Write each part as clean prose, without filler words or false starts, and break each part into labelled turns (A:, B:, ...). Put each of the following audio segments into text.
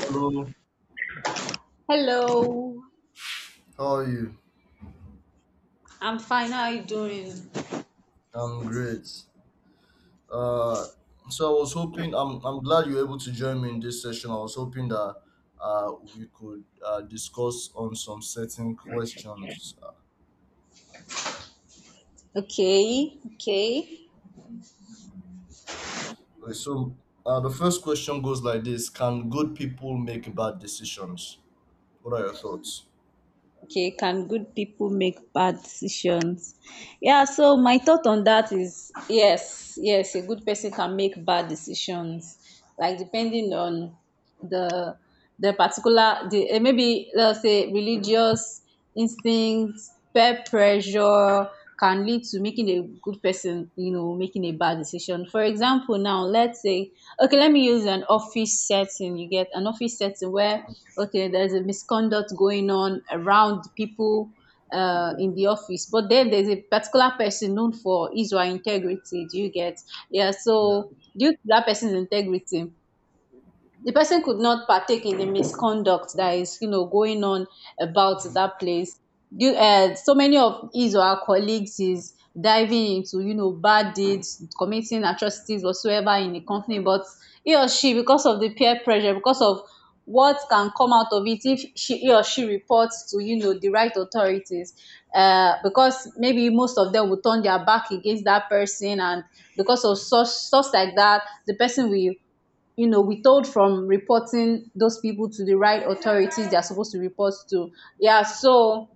A: Hello,
B: Hello,
A: how are you?
B: I'm fine. How are you doing?
A: I'm great. Uh, so I was hoping I'm glad you are able to join me in this session. I was hoping that we could discuss on some certain questions.
B: Okay, okay,
A: Okay, so the first question goes like this: can good people make bad decisions? What are your thoughts?
B: okay. Can good people make bad decisions? Yeah, so my thought on that is yes, yes, a good person can make bad decisions, like depending on the the particular maybe let's say religious instincts, peer pressure can lead to making a good person, you know, making a bad decision. For example, now let's say, okay, let me use an office setting. You get an office setting where, okay, there's a misconduct going on around people in the office, but then there's a particular person known for his or her integrity. Do you get? Yeah,
A: Yeah,
B: so due to that person's integrity, the person could not partake in the misconduct that is, you know, going on about that place. You So many of his or her colleagues is diving into, you know, bad deeds, committing atrocities whatsoever in the company, but he or she, because of the peer pressure, because of what can come out of it if she he or she reports to, you know, the right authorities, because maybe most of them will turn their back against that person, and because of such stuff like that, the person will, you know, withhold from reporting those people to the right authorities they are supposed to report to. Yeah, so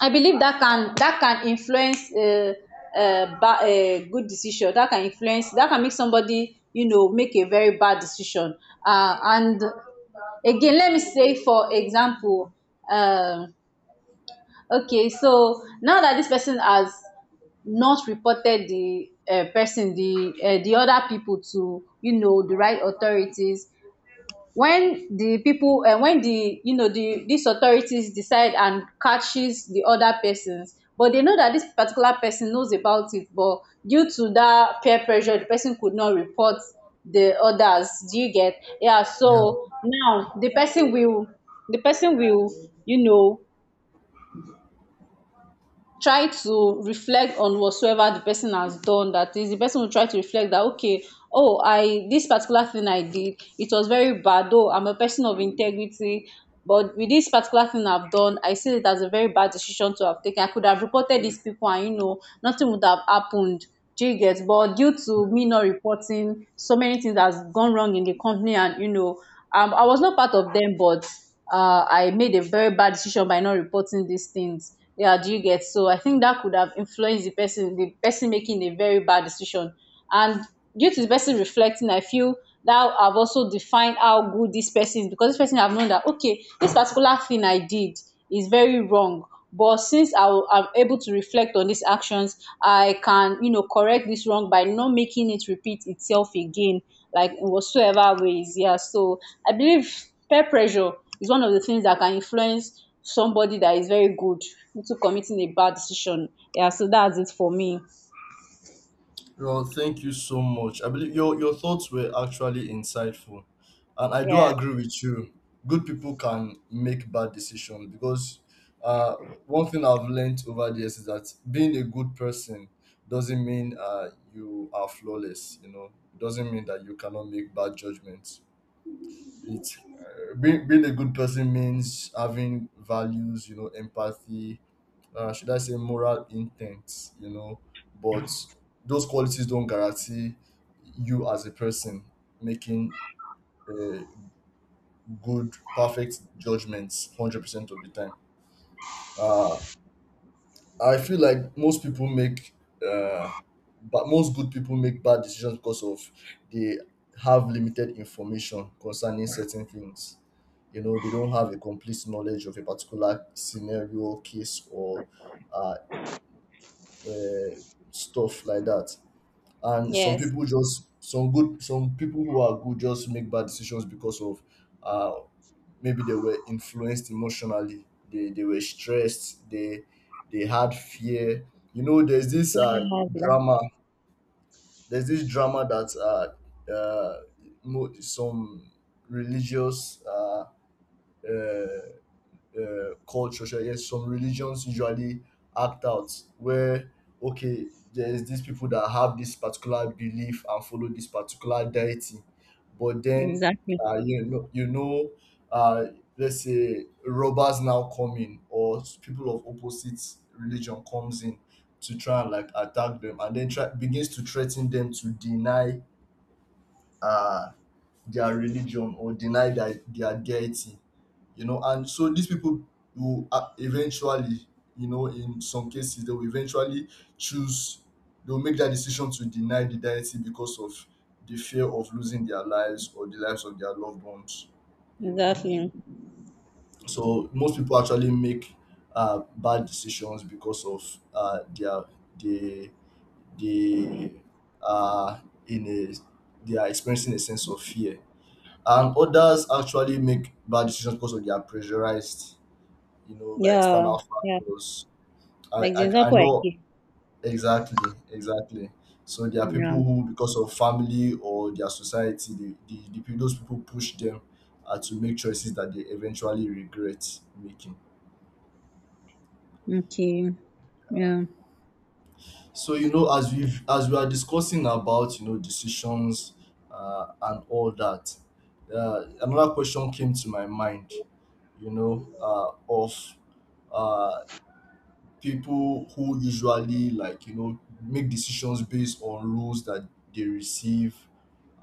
B: I believe that can, that can influence a good decision. That can influence, that can make somebody, you know, make a very bad decision. And again, let me say, for example, um, okay, so now that this person has not reported the person, the other people to, you know, the right authorities, when di people when di, you know, di dis authorities decide and catches the other persons, but they know that this particular person knows about it, but due to that peer pressure, the person could not report the others. Do you get? Yeah,
A: yeah.
B: so now the person will, the person will, you know, try to reflect on whatsoever the person has done. That is, the person will try to reflect that, okay, oh, I, this particular thing I did, it was very bad, though I'm a person of integrity, but with this particular thing I've done, I see it as a very bad decision to have taken. I could have reported these people and, you know, nothing would have happened. Do you get? But due to me not reporting, so many things has gone wrong in the company, and, you know, I was not part of them, but I made a very bad decision by not reporting these things. Yeah, do you get? So I think that could have influenced the person making a very bad decision. And due to the person reflecting, I feel that I've also defined how good this person is, because this person have known that, okay, this particular thing I did is very wrong. But since I'm able to reflect on these actions, I can, you know, correct this wrong by not making it repeat itself again, like in whatsoever ways. Yeah. So I believe peer pressure is one of the things that can influence somebody that is very good into committing a bad decision. Yeah, so that's it for me.
A: Well, thank you so much. I believe your thoughts were actually insightful, and I do
B: Yeah.
A: agree with you. Good people can make bad decisions because uh, one thing I've learned over the years is that being a good person doesn't mean you are flawless. You know, it doesn't mean that you cannot make bad judgments. It's being a good person means having values. You know, empathy, should I say moral intent, you know, but those qualities don't guarantee you as a person making uh, good, perfect judgments 100% of the time. Uh, I feel like uh, most good people make bad decisions because of they have limited information concerning certain things. You know, they don't have a complete knowledge of a particular scenario, case, or uh, uh, stuff like that. And
B: Yes.
A: some good some people who are good just make bad decisions because of uh maybe they were influenced emotionally. They were stressed. They had fear. You know, there's this
B: Yeah,
A: drama. There's this drama that some religious uh culture, should I guess some religions usually act out where okay, there's these people that have this particular belief and follow this particular deity, but then
B: exactly.
A: you know, uh, let's say robbers now come in, or people of opposite religion comes in to try and like attack them, and then try begins to threaten them to deny uh their religion or deny their deity, you know. And so these people will eventually, you know, in some cases they will eventually choose, they will make that decision to deny the deity because of the fear of losing their lives or the lives of their loved ones, you know.
B: Exactly.
A: So most people actually make bad decisions because of their they they are in a they are experiencing a sense of fear, and others actually make bad decisions because of they are pressurized, you know, by
B: Yeah.
A: external
B: Yeah.
A: factors. I,
B: Like the
A: I, I
B: example I
A: know
B: gave.
A: exactly, exactly. So there are
B: Yeah.
A: people who, because of family or their society, those people push them to make choices that they eventually regret making.
B: Okay. Yeah.
A: So you know, as we are discussing about, you know, decisions and all that, another question came to my mind, you know, of uh, people who usually, like, you know, make decisions based on rules that they receive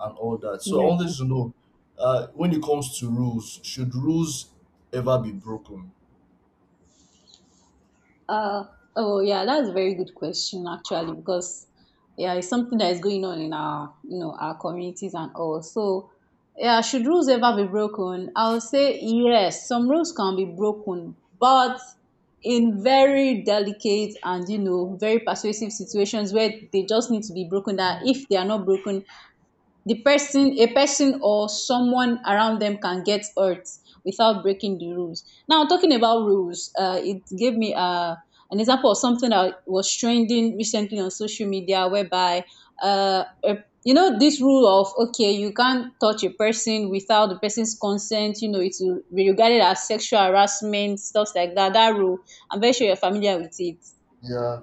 A: and all that. So I
B: Yeah.
A: wanted to know, when it comes to rules, should rules ever be broken?
B: Uh, oh yeah, that's a very good question actually, because yeah, it's something that is going on in our, you know, our communities and all. So yeah, should rules ever be broken? I'll say yes. Some rules can be broken, but in very delicate and, you know, very persuasive situations where they just need to be broken. That if they are not broken, the person a person or someone around them can get hurt without breaking the rules. Now, talking about rules, it gave me an example of something that was trending recently on social media, whereby uh, a, you know, this rule of, okay, you can't touch a person without the person's consent, you know, it will be regarded as sexual harassment, stuff like that. That rule, I'm very sure you're familiar with it.
A: Yeah,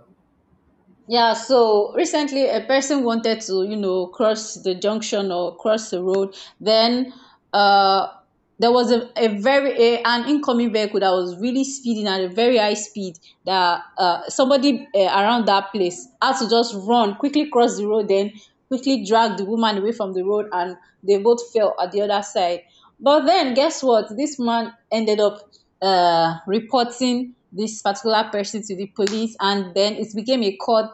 B: Yeah, so recently a person wanted to, you know, cross the junction or cross the road. Then uh, there was an incoming vehicle that was really speeding at a very high speed. That somebody around that place had to just run quickly, cross the road, then quickly drag the woman away from the road, and they both fell at the other side. But then, guess what? This man ended up reporting this particular person to the police, and then it became a court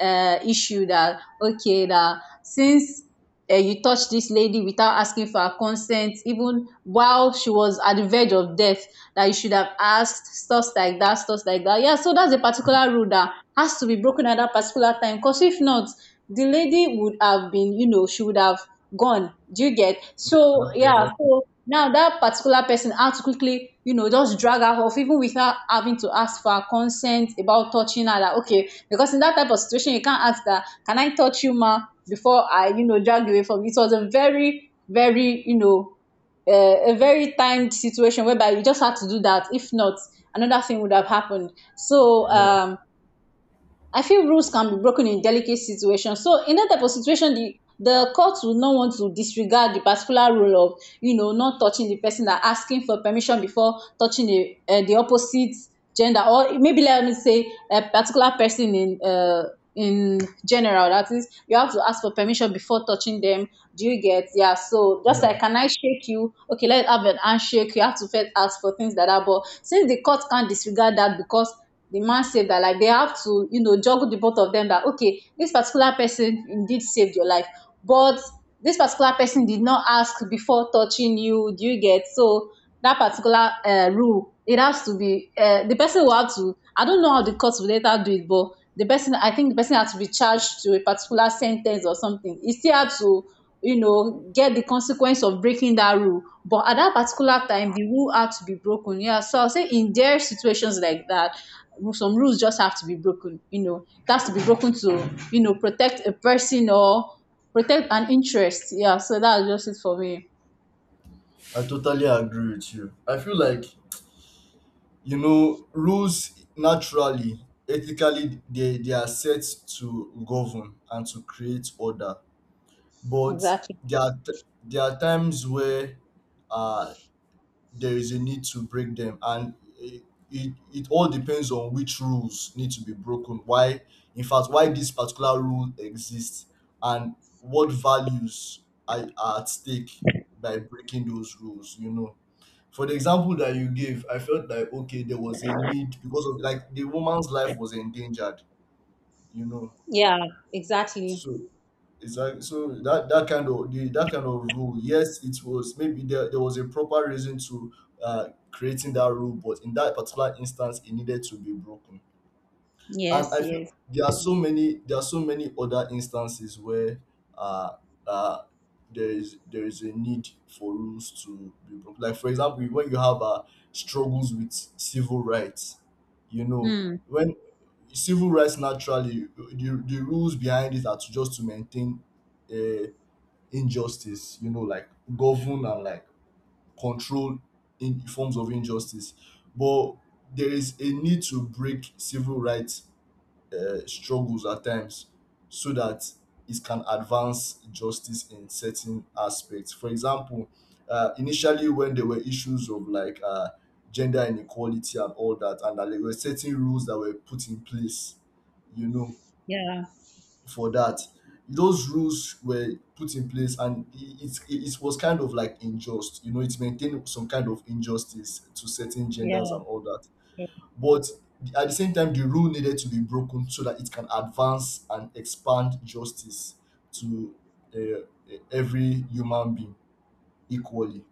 B: issue that, okay, that since you touched this lady without asking for her consent, even while she was at the verge of death, that you should have asked, stuff like that, stuff like that. Yeah, so that's a particular rule that has to be broken at that particular time. Because if not, the lady would have been, you know, she would have gone. Do you get?
A: yes,
B: So
A: sir. Yes,
B: yeah,
A: sir.
B: so now that particular person had to quickly, you know, just drag her off, even without having to ask for her consent about touching her. That, okay, because in that type of situation, you can't ask that, can I touch you, ma? Before I, you know, drag you away from you. It was a very, very, you know, a very timed situation whereby you just had to do that. If not, another thing would have happened. So
A: Yeah,
B: um I feel rules can be broken in delicate situations. So in that type of situation, the court will not want to disregard the particular rule of, you know, not touching the person and asking for permission before touching the opposite gender, or maybe let me say a particular person in in general. That is, you have to ask for permission before touching them. Do you get? Yeah, so just like,
A: yeah.
B: can I shake you? Okay, let's have an handshake. You have to first ask for things like that. But since the court can't disregard that because the man saved her, like, they have to, you know, juggle the both of them. That, okay, this particular person indeed saved your life, but this particular person did not ask before touching you. Do you get? So that particular rule, it has to be the person will have to. I don't know how the court will later do it, but the person I think the person has to be charged to a particular sentence or something. He still had to, you know, get the consequence of breaking that rule. But at that particular time, the rule had to be broken. Yeah. So I'll say in their situations like that, some rules just have to be broken. You know, it has to be broken to, you know, protect a person or protect an interest. Yeah. So that's just it for me.
A: I totally agree with you. I feel like, you know, rules naturally, ethically, they are set to govern and to create order, but
B: Exactly.
A: there are t- there are times where uh there is a need to break them, and it, it all depends on which rules need to be broken, why, in fact, why this particular rule exists, and what values are at stake by breaking those rules. You know, for the example that you gave, I felt like, okay, there was a need because of, like, the woman's life was endangered, you know.
B: Yeah, exactly.
A: So exactly. So that that kind of that kind of rule, yes, it was maybe there, there was a proper reason to creating that rule, but in that particular instance, it needed to be broken. And
B: Yes,
A: I feel
B: yes.
A: there are so many other instances where uh, uh there is a need for rules to be broken. Like, for example, when you have struggles with civil rights, you know,
B: Hmm.
A: when civil rights naturally, the rules behind it are to just to maintain uh, injustice, you know, like govern and like control in forms of injustice. But there is a need to break civil rights struggles at times, so that it can advance justice in certain aspects. For example, initially when there were issues of like gender inequality and all that, and that there were certain rules that were put in place, you know,
B: Yeah,
A: for that. Those rules were put in place, and it was kind of like unjust. You know, it maintained some kind of injustice to certain genders
B: yeah.
A: and all that, but at the same time the rule needed to be broken so that it can advance and expand justice to every human being equally.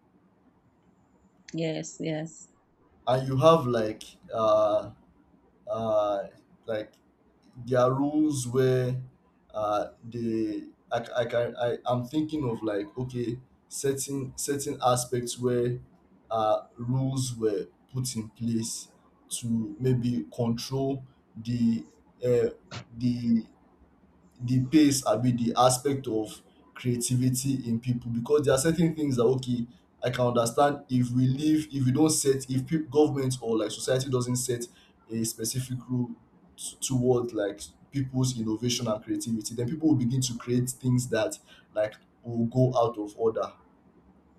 B: Yes, yes.
A: And you have uh uh like there are rules where I can I'm thinking of like okay, certain aspects where rules were put in place to maybe control the uh, the the pace, I mean the aspect of creativity in people, because there are certain things that okay, I can understand if we leave, if we don't set, if peop government or like society doesn't set a specific rule toward like people's innovation and creativity, then people will begin to create things that like will go out of order.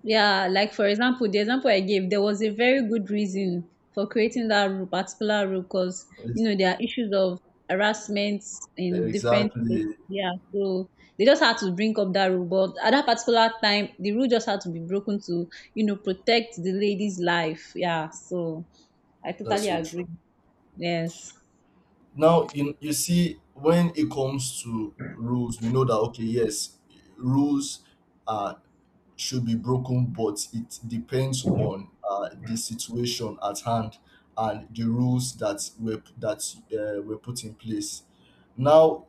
B: Yeah, like, for example, the example I gave, there was a very good reason for creating that rule, particular rule, because, you
A: Yes,
B: know, there are issues of harassment in different places.
A: exactly,
B: Yeah, so they just had to bring up that rule, but at that particular time, the rule just had to be broken to, you know, protect the lady's life. Yeah, so I
A: that's
B: totally
A: so
B: agree.
A: true.
B: Yes.
A: Now you see, when it comes to rules we know that okay, yes, rules are should be broken, but it depends on the situation at hand and the rules that were put in place. Now,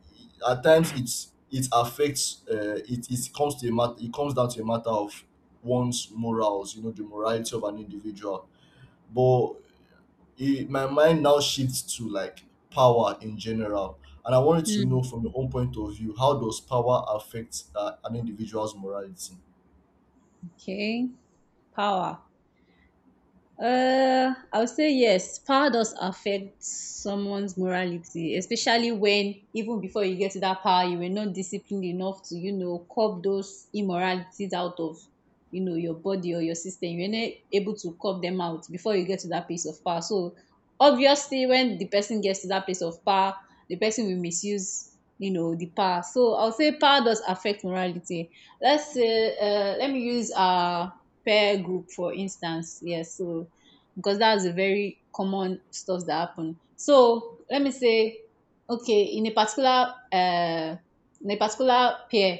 A: at times it affects it comes to a matter, it comes down to a matter of one's morals, you know, the morality of an individual. But my mind now shifts to like power in general. And I wanted to
B: Hmm.
A: know from your own point of view, how does power affect an individual's morality?
B: Okay. Power. I would say yes. Power does affect someone's morality, especially when even before you get to that power, you were not disciplined enough to, you know, curb those immoralities out of, you know, your body or your system. You're not able to curb them out before you get to that place of power. So obviously, when the person gets to that place of power, the person will misuse, you know, the power. So I would say power does affect morality. Let's say, let me use peer group, for instance. Yes, so because that's a very common stuff that happen, so let me say okay, in a particular pair,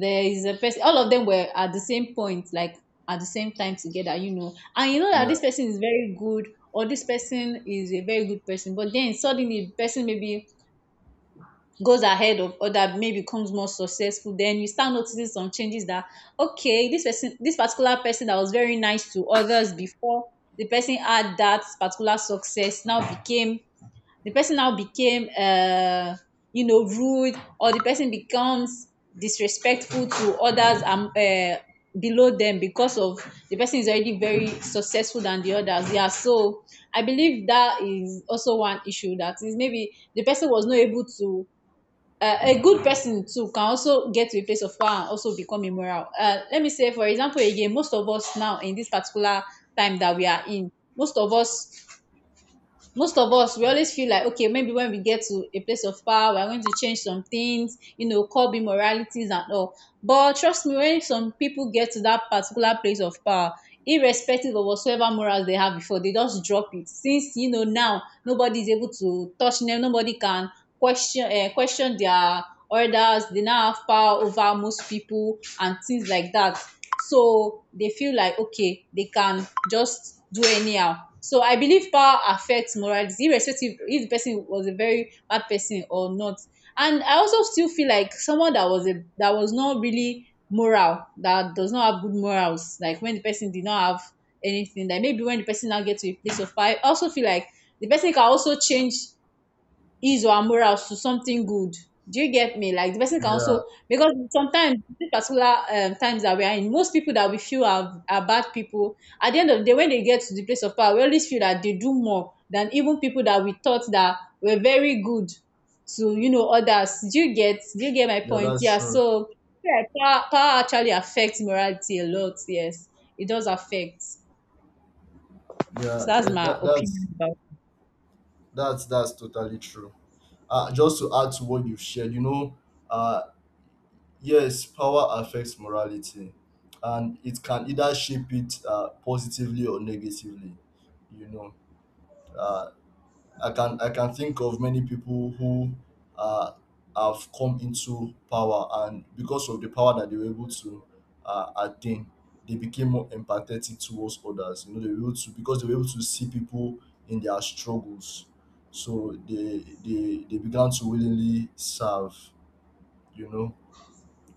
B: there is a person, all of them were at the same point, like at the same time together, you know, and you know that
A: Yeah,
B: this person is very good, or this person is a very good person, but then suddenly the person maybe goes ahead of other, maybe becomes more successful. Then you start noticing some changes that okay, this person, this particular person that was very nice to others before the person had that particular success, now became, the person now became you know, rude, or the person becomes disrespectful to others, below them, because of the person is already very successful than the others. Yeah, so I believe that is also one issue, that is maybe the person was not able to a good person too can also get to a place of power and also become immoral. Let me say, for example, again, most of us now in this particular time that we are in, most of us, most of us we always feel like okay, maybe when we get to a place of power, we are going to change some things, you know, curb immoralities and all, but trust me, when some people get to that particular place of power, irrespective of whatsoever morals they have before, they just drop it, since you know now nobody is able to touch them, nobody can question, question their orders. They now have power over most people and things like that, so they feel like okay, they can just do anyhow. So I believe power affects morality irrespective if the person was a very bad person or not. And I also still feel like someone that was a that was not really moral, that does not have good morals, like when the person did not have anything, like maybe when the person now gets to a place of power, I also feel like the person can also change, ease our morals to something good. Do you get me? Like the person can
A: yeah.
B: also, because sometimes these particular times that we are in, most people that we feel are bad people. At the end of the day, when they get to the place of power, we always feel that they do more than even people that we thought that were very good to, you know, others. Do you get? Do you get my
A: Yeah,
B: point?
A: that's
B: Yeah.
A: true.
B: So yeah, power, power actually affects morality a lot. Yes, it does affect. So
A: Yeah,
B: that's
A: yeah,
B: my opinion about.
A: that's totally true. Just to add to what you've shared, you know, uh, yes, power affects morality, and it can either shape it positively or negatively. You know, uh, I can think of many people who uh, have come into power, and because of the power that they were able to attain, they became more empathetic towards others. You know, they were able to, because they were able to see people in their struggles, so they began to willingly serve. You know,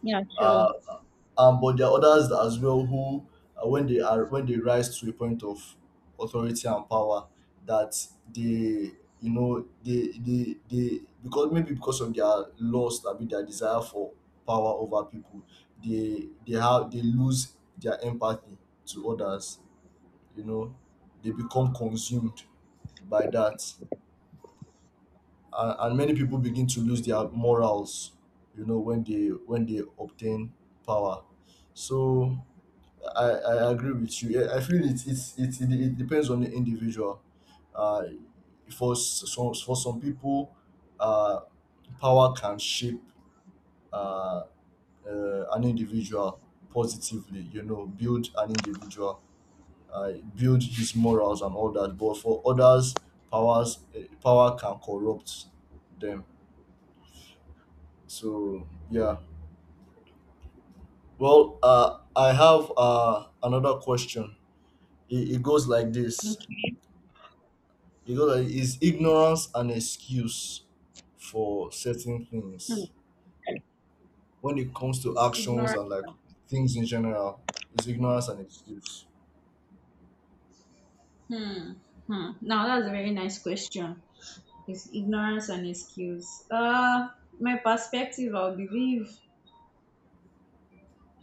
B: Yeah,
A: uh,
B: sure.
A: but there are others as well who, when they are when they rise to a point of authority and power, that they you know, they, because maybe because of their lust, I mean their desire for power over people, they lose their empathy to others. You know, they become consumed by that, and many people begin to lose their morals, you know, when they obtain power. So I, I agree with you. Yeah, I feel it, it's it, it, it depends on the individual. Uh, for some people, uh, power can shape uh, an individual positively. You know, build an individual, build his morals and all that. But for others, power can corrupt them. So yeah. Well, I have another question. It goes like this:
B: Okay.
A: you know, that is ignorance an excuse for certain
B: Hmm.
A: things? When it comes to
B: It's
A: actions
B: ignorance.
A: and like things in general, is ignorance an excuse?
B: Hmm. Hmm. Now that's a very nice question. It's ignorance and excuse. My perspective, I'll believe.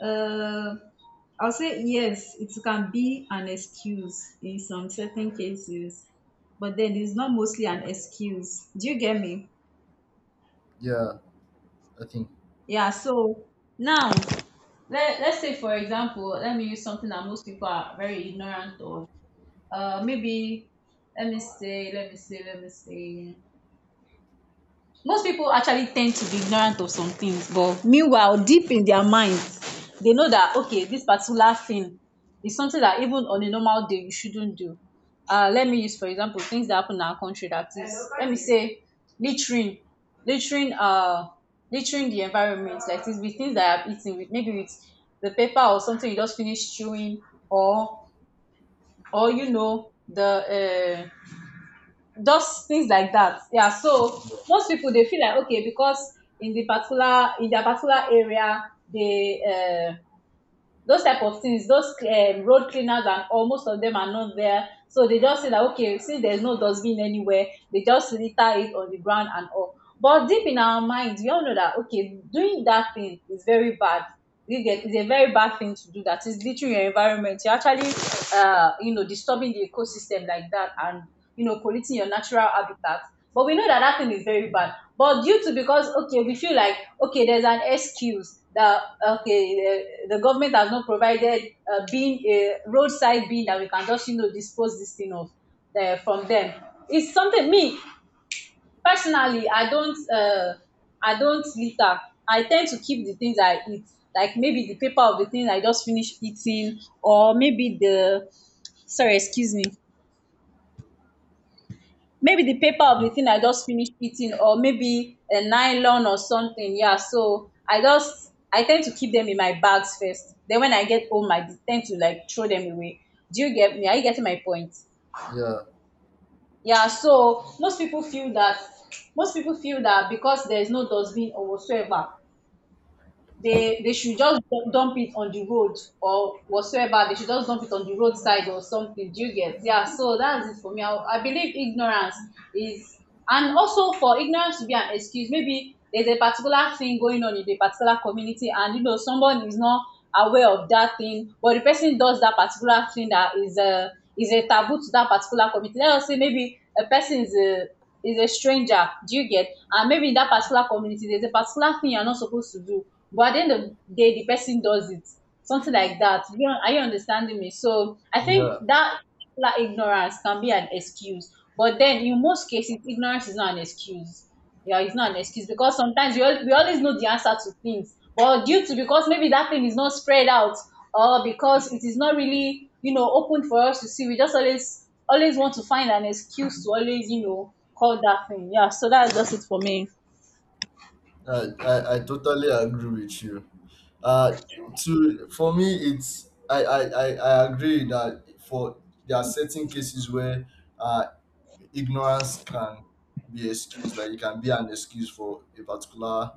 B: Uh, I'll say yes. It can be an excuse in some certain cases, but then it's not mostly an excuse. Do you get me?
A: Yeah, I think.
B: Yeah. So now, let's say, for example, let me use something that most people are very ignorant of. Maybe let me say, let me say. Most people actually tend to be ignorant of some things, but meanwhile deep in their minds, they know that okay, this particular thing is something that even on a normal day you shouldn't do. Let me use, for example, things that happen in our country, that is, let me say, littering, littering uh littering the environment like this, with things that I've eaten with, maybe with the paper or something you just finished chewing, or you know, the just things like that. Yeah, so most people, they feel like okay, because in the particular, in their particular area, they those type of things, those road cleaners and all, most of them are not there, so they just say that okay, since there's no dustbin anywhere, they just litter it on the ground and all. But deep in our minds, we all know that okay, doing that thing is very bad. You get, it's a very bad thing to do that. It's literally your environment, you're actually, you know, disturbing the ecosystem like that and, you know, polluting your natural habitat. But we know that that thing is very bad. But due to, because okay, we feel like okay, there's an excuse that okay, the government has not provided bin, a roadside bin that we can just, you know, dispose this thing of, from them. It's something me personally, I don't. I don't litter. I tend to keep the things I eat, like maybe the paper of the things I just finished eating, or maybe the sorry, excuse me, maybe the paper of the
A: Mm,
B: thing I just finished eating, or maybe a nylon or something. Yeah, so I just, I tend to keep them in my bags first. Then when I get home, I tend to like throw them away. Do you get me? Are you getting my point?
A: yeah,
B: Yeah, so most people feel that, most people feel that because there is no dustbin or whatsoever, they should just dump it on the road, or whatsoever, they should just dump it on the roadside or something. Do you get? Yeah, so that's it for me. I believe ignorance is, and also for ignorance to be an excuse, maybe there's a particular thing going on in a particular community, and you know, someone is not aware of that thing, but the person does that particular thing that is a, is a taboo to that particular community. Let us say maybe a person is a, is a stranger. Do you get? And maybe in that particular community, there's a particular thing you're not supposed to do. But at the end of the day, the person does it. Something like that. You know, are you understanding me? So I
A: yeah.
B: think that particular ignorance can be an excuse. But then in most cases, ignorance is not an excuse. Yeah, it's not an excuse, because sometimes we, we always know the answer to things, but due to, because maybe that thing is not spread out, or because it is not really, you know, open for us to see, we just always, always want to find an excuse to always, you know, call that thing. Yeah, so that's just it for me.
A: I totally agree with you. Uh, to for me, it's I agree that for there are certain cases where uh, ignorance can be excused, like it can be an excuse for a particular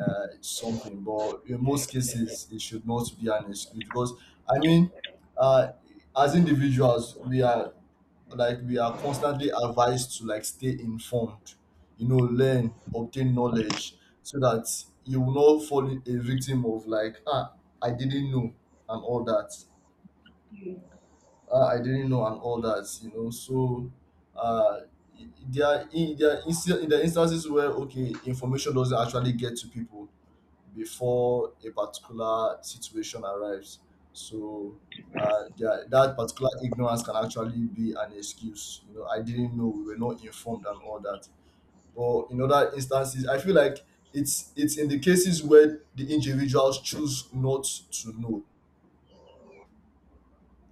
A: something, but in most cases, it should not be an excuse because I mean, uh, as individuals, we are like we are constantly advised to like stay informed, you know, learn, obtain knowledge, so that you will not fall a victim of like, ah, I didn't know and all that, I didn't know and all that, you know. So uh, there are in there are insta- there are instances where okay, information doesn't actually get to people before a particular situation arrives. So there, that particular ignorance can actually be an excuse. You know, I didn't know, we were not informed and all that. But in other instances, I feel like it's in the cases where the individuals choose not to know.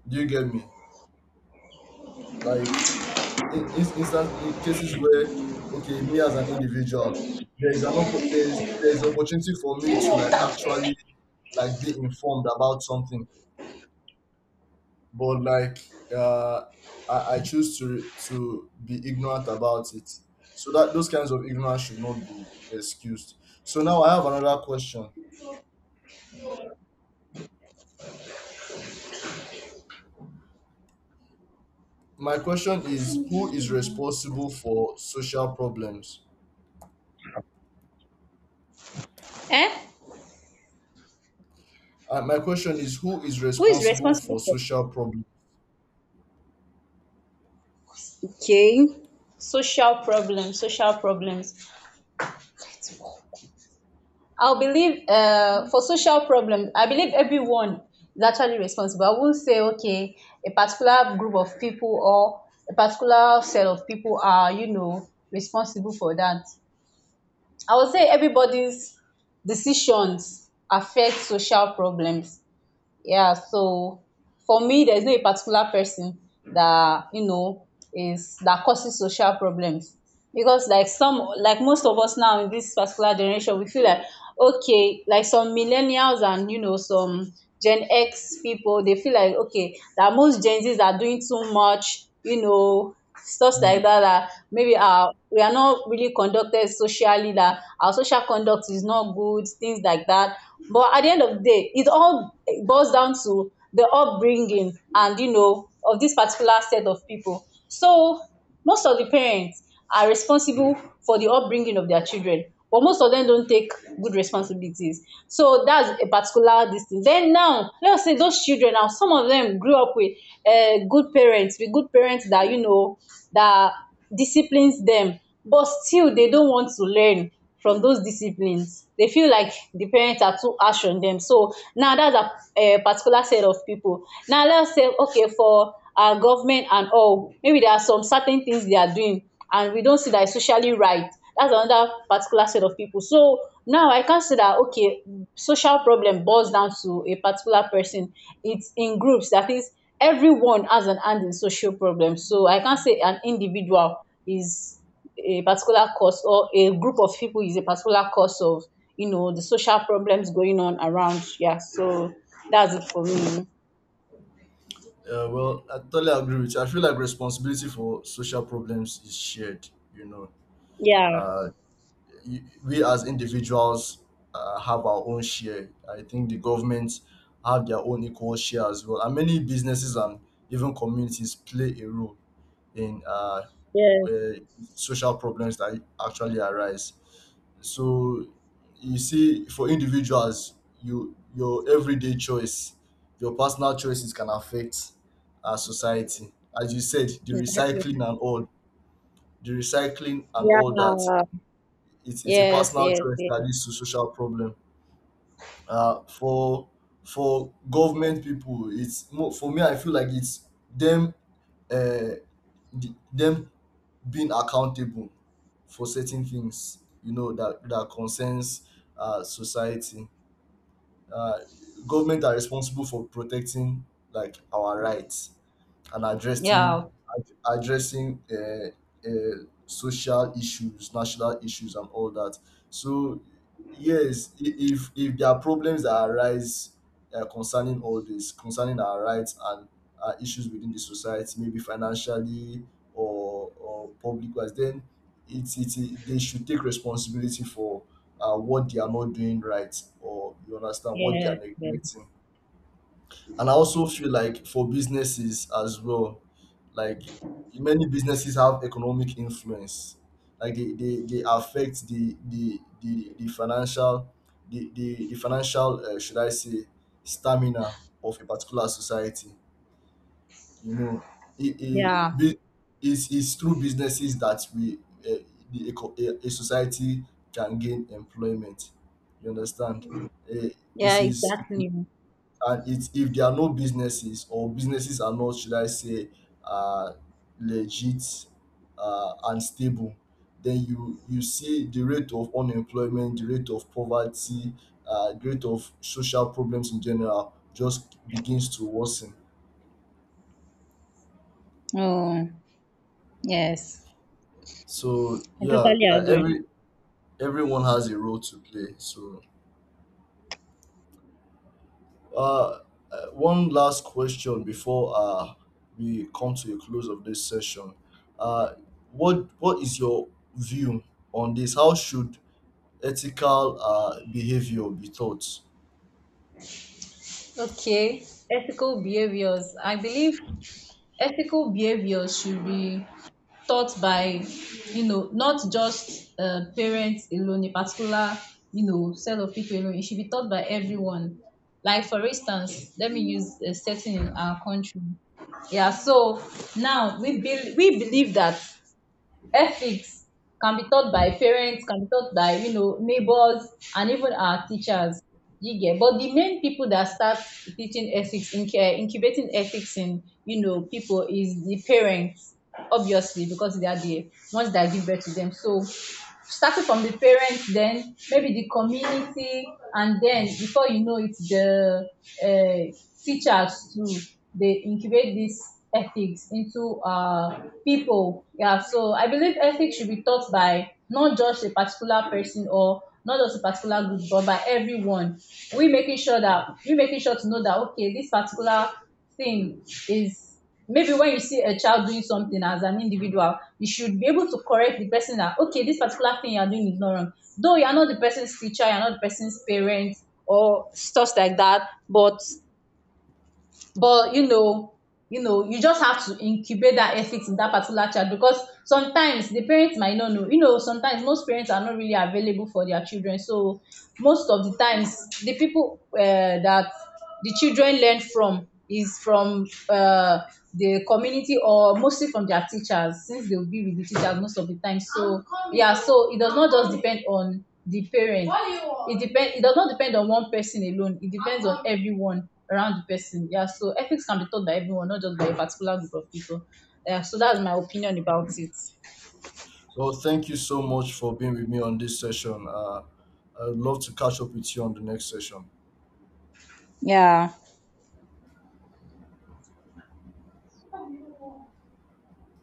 A: Do you get me? Like in instance in cases where okay, me as an individual, there is an there is opportunity for me to like actually like be informed about something, but like uh I choose to be ignorant about it, so that those kinds of ignorance should not be excused. So now I have another question. My question is who is responsible for social problems,
B: Eh?
A: and my question is who is
B: Who is
A: responsible
B: responsible
A: for
B: for?
A: social problems.
B: Okay, social problems, social problems. I believe for social problems, I believe everyone is actually responsible. I won't say, okay, a particular group of people or a particular set of people are, you know, responsible for that. I would say everybody's decisions affect social problems. Yeah, so for me, there's no a particular person that, you know, is that causes social problems, because like some, like most of us now in this particular generation, we feel like okay, like some millennials and you know some Gen X people, they feel like okay that most Gen Zs are doing too much, you know, stuffs
A: Hmm.
B: like that, that maybe our, we are not really conducted socially, that our social conduct is not good, things like that. But at the end of the day, it all boils down to the upbringing and, you know, of this particular set of people. So most of the parents are responsible for the upbringing of their children, but most of dem don't take good responsibilities. So that's a particular this thing. Then now let us say those children, now some of dem grew up with good parents, with good parents that, you know, that disciplines dem, but still they don't want to learn from those disciplines. They feel like the parents are too harsh on them. So now that's a particular set of people. Now let's say okay, for our government and all, maybe there are some certain things they are doing and we don't see that it's socially right. That's another particular set of people. So now I can't say that okay, social problem boils down to a particular person. It's in groups, that is, everyone has an hand in social problems. So I can't say an individual is a particular cause, or a group of people is a particular cause of, you know, the social problems going on around. Yeah, so that's it for me.
A: Yeah, well, I totally agree with you. I feel like responsibility for social problems is shared. You know,
B: Yeah,
A: uh, we as individuals have our own share. I think the government have their own equal share as well, and many businesses and even communities play a role in
B: yes,
A: uh, social problems that actually arise. So you see, for individuals, your everyday choice, your personal choices can affect our society. As you said, the
B: exactly.
A: recycling and all, the recycling and
B: Yeah,
A: all that, it's a
B: yes,
A: personal
B: yes,
A: choice that leads
B: yes.
A: to social problem. Uh, for for government people, it's more, for me. I feel like it's them, uh, them being accountable for certain things. You know that that concerns society. Uh, government are responsible for protecting like our rights and
B: Yeah,
A: addressing social issues, national issues, and all that. So yes, if there are problems that arise concerning all this, concerning our rights and issues within the society, maybe financially or public wise, then it they should take responsibility for what they are not doing right, or you understand what they are
B: yes, yes.
A: neglecting. And I also feel like for businesses as well, like many businesses have economic influence. Like they affect the financial the financial should I say stamina of a particular society. You know, it, it,
B: Yeah,
A: bu- it's through businesses that we uh, a society can gain employment. You understand? Uh, it
B: yeah,
A: is,
B: exactly.
A: and it's if there are no businesses, or businesses are not, should I say uh, legit and stable, then you see the rate of unemployment, the rate of poverty, the rate of social problems in general just begins to worsen.
B: Oh, yes,
A: So
B: I
A: yeah,
B: totally agree.
A: everyone has a role to play. So Uh, one last question before we come to a close of this session. Uh, what is your view on this? How should ethical behavior be taught?
B: Okay, ethical behaviors. I believe ethical behaviors should be taught by, you know, not just parents alone, a particular, you know, set of people alone. It should be taught by everyone. Like, for instance, let me use a setting in our country. Yeah, so now we, we believe that ethics can be taught by parents, can be taught by, you know, neighbors, and even our teachers. You get, but the main people that start teaching ethics, incubating ethics in, you know, people, is the parents, obviously, because they are the ones that give birth to them. So starting from the parents, then maybe the community, and then before you know it, the uh, teachers too, they incubate these ethics into people. Yeah, so I believe ethics should be taught by not just a particular person or not just a particular group, but by everyone. We making sure that, we making sure to know that okay, this particular thing is, maybe when you see a child doing something as an individual, you should be able to correct the person that okay, this particular thing you're doing is not wrong. Though you're not the person's teacher, you're not the person's parent or stuff like that, but you know, you know you just have to incubate that ethics in that particular child, because sometimes the parents might not know, you know, sometimes most parents are not really available for their children. So most of the times, the people that the children learn from is from the community, or mostly from their teachers, since they will be with the teachers most of the time. So yeah, so it does not just depend on the parent. It does not depend on one person alone, it depends on everyone around the person. Yeah, so ethics can be taught by everyone, not just by a particular group of people. Yeah, so that's my opinion about it.
A: Well, thank you so much for being with me on this session. I'd love to catch up with you on the next session.
B: Yeah.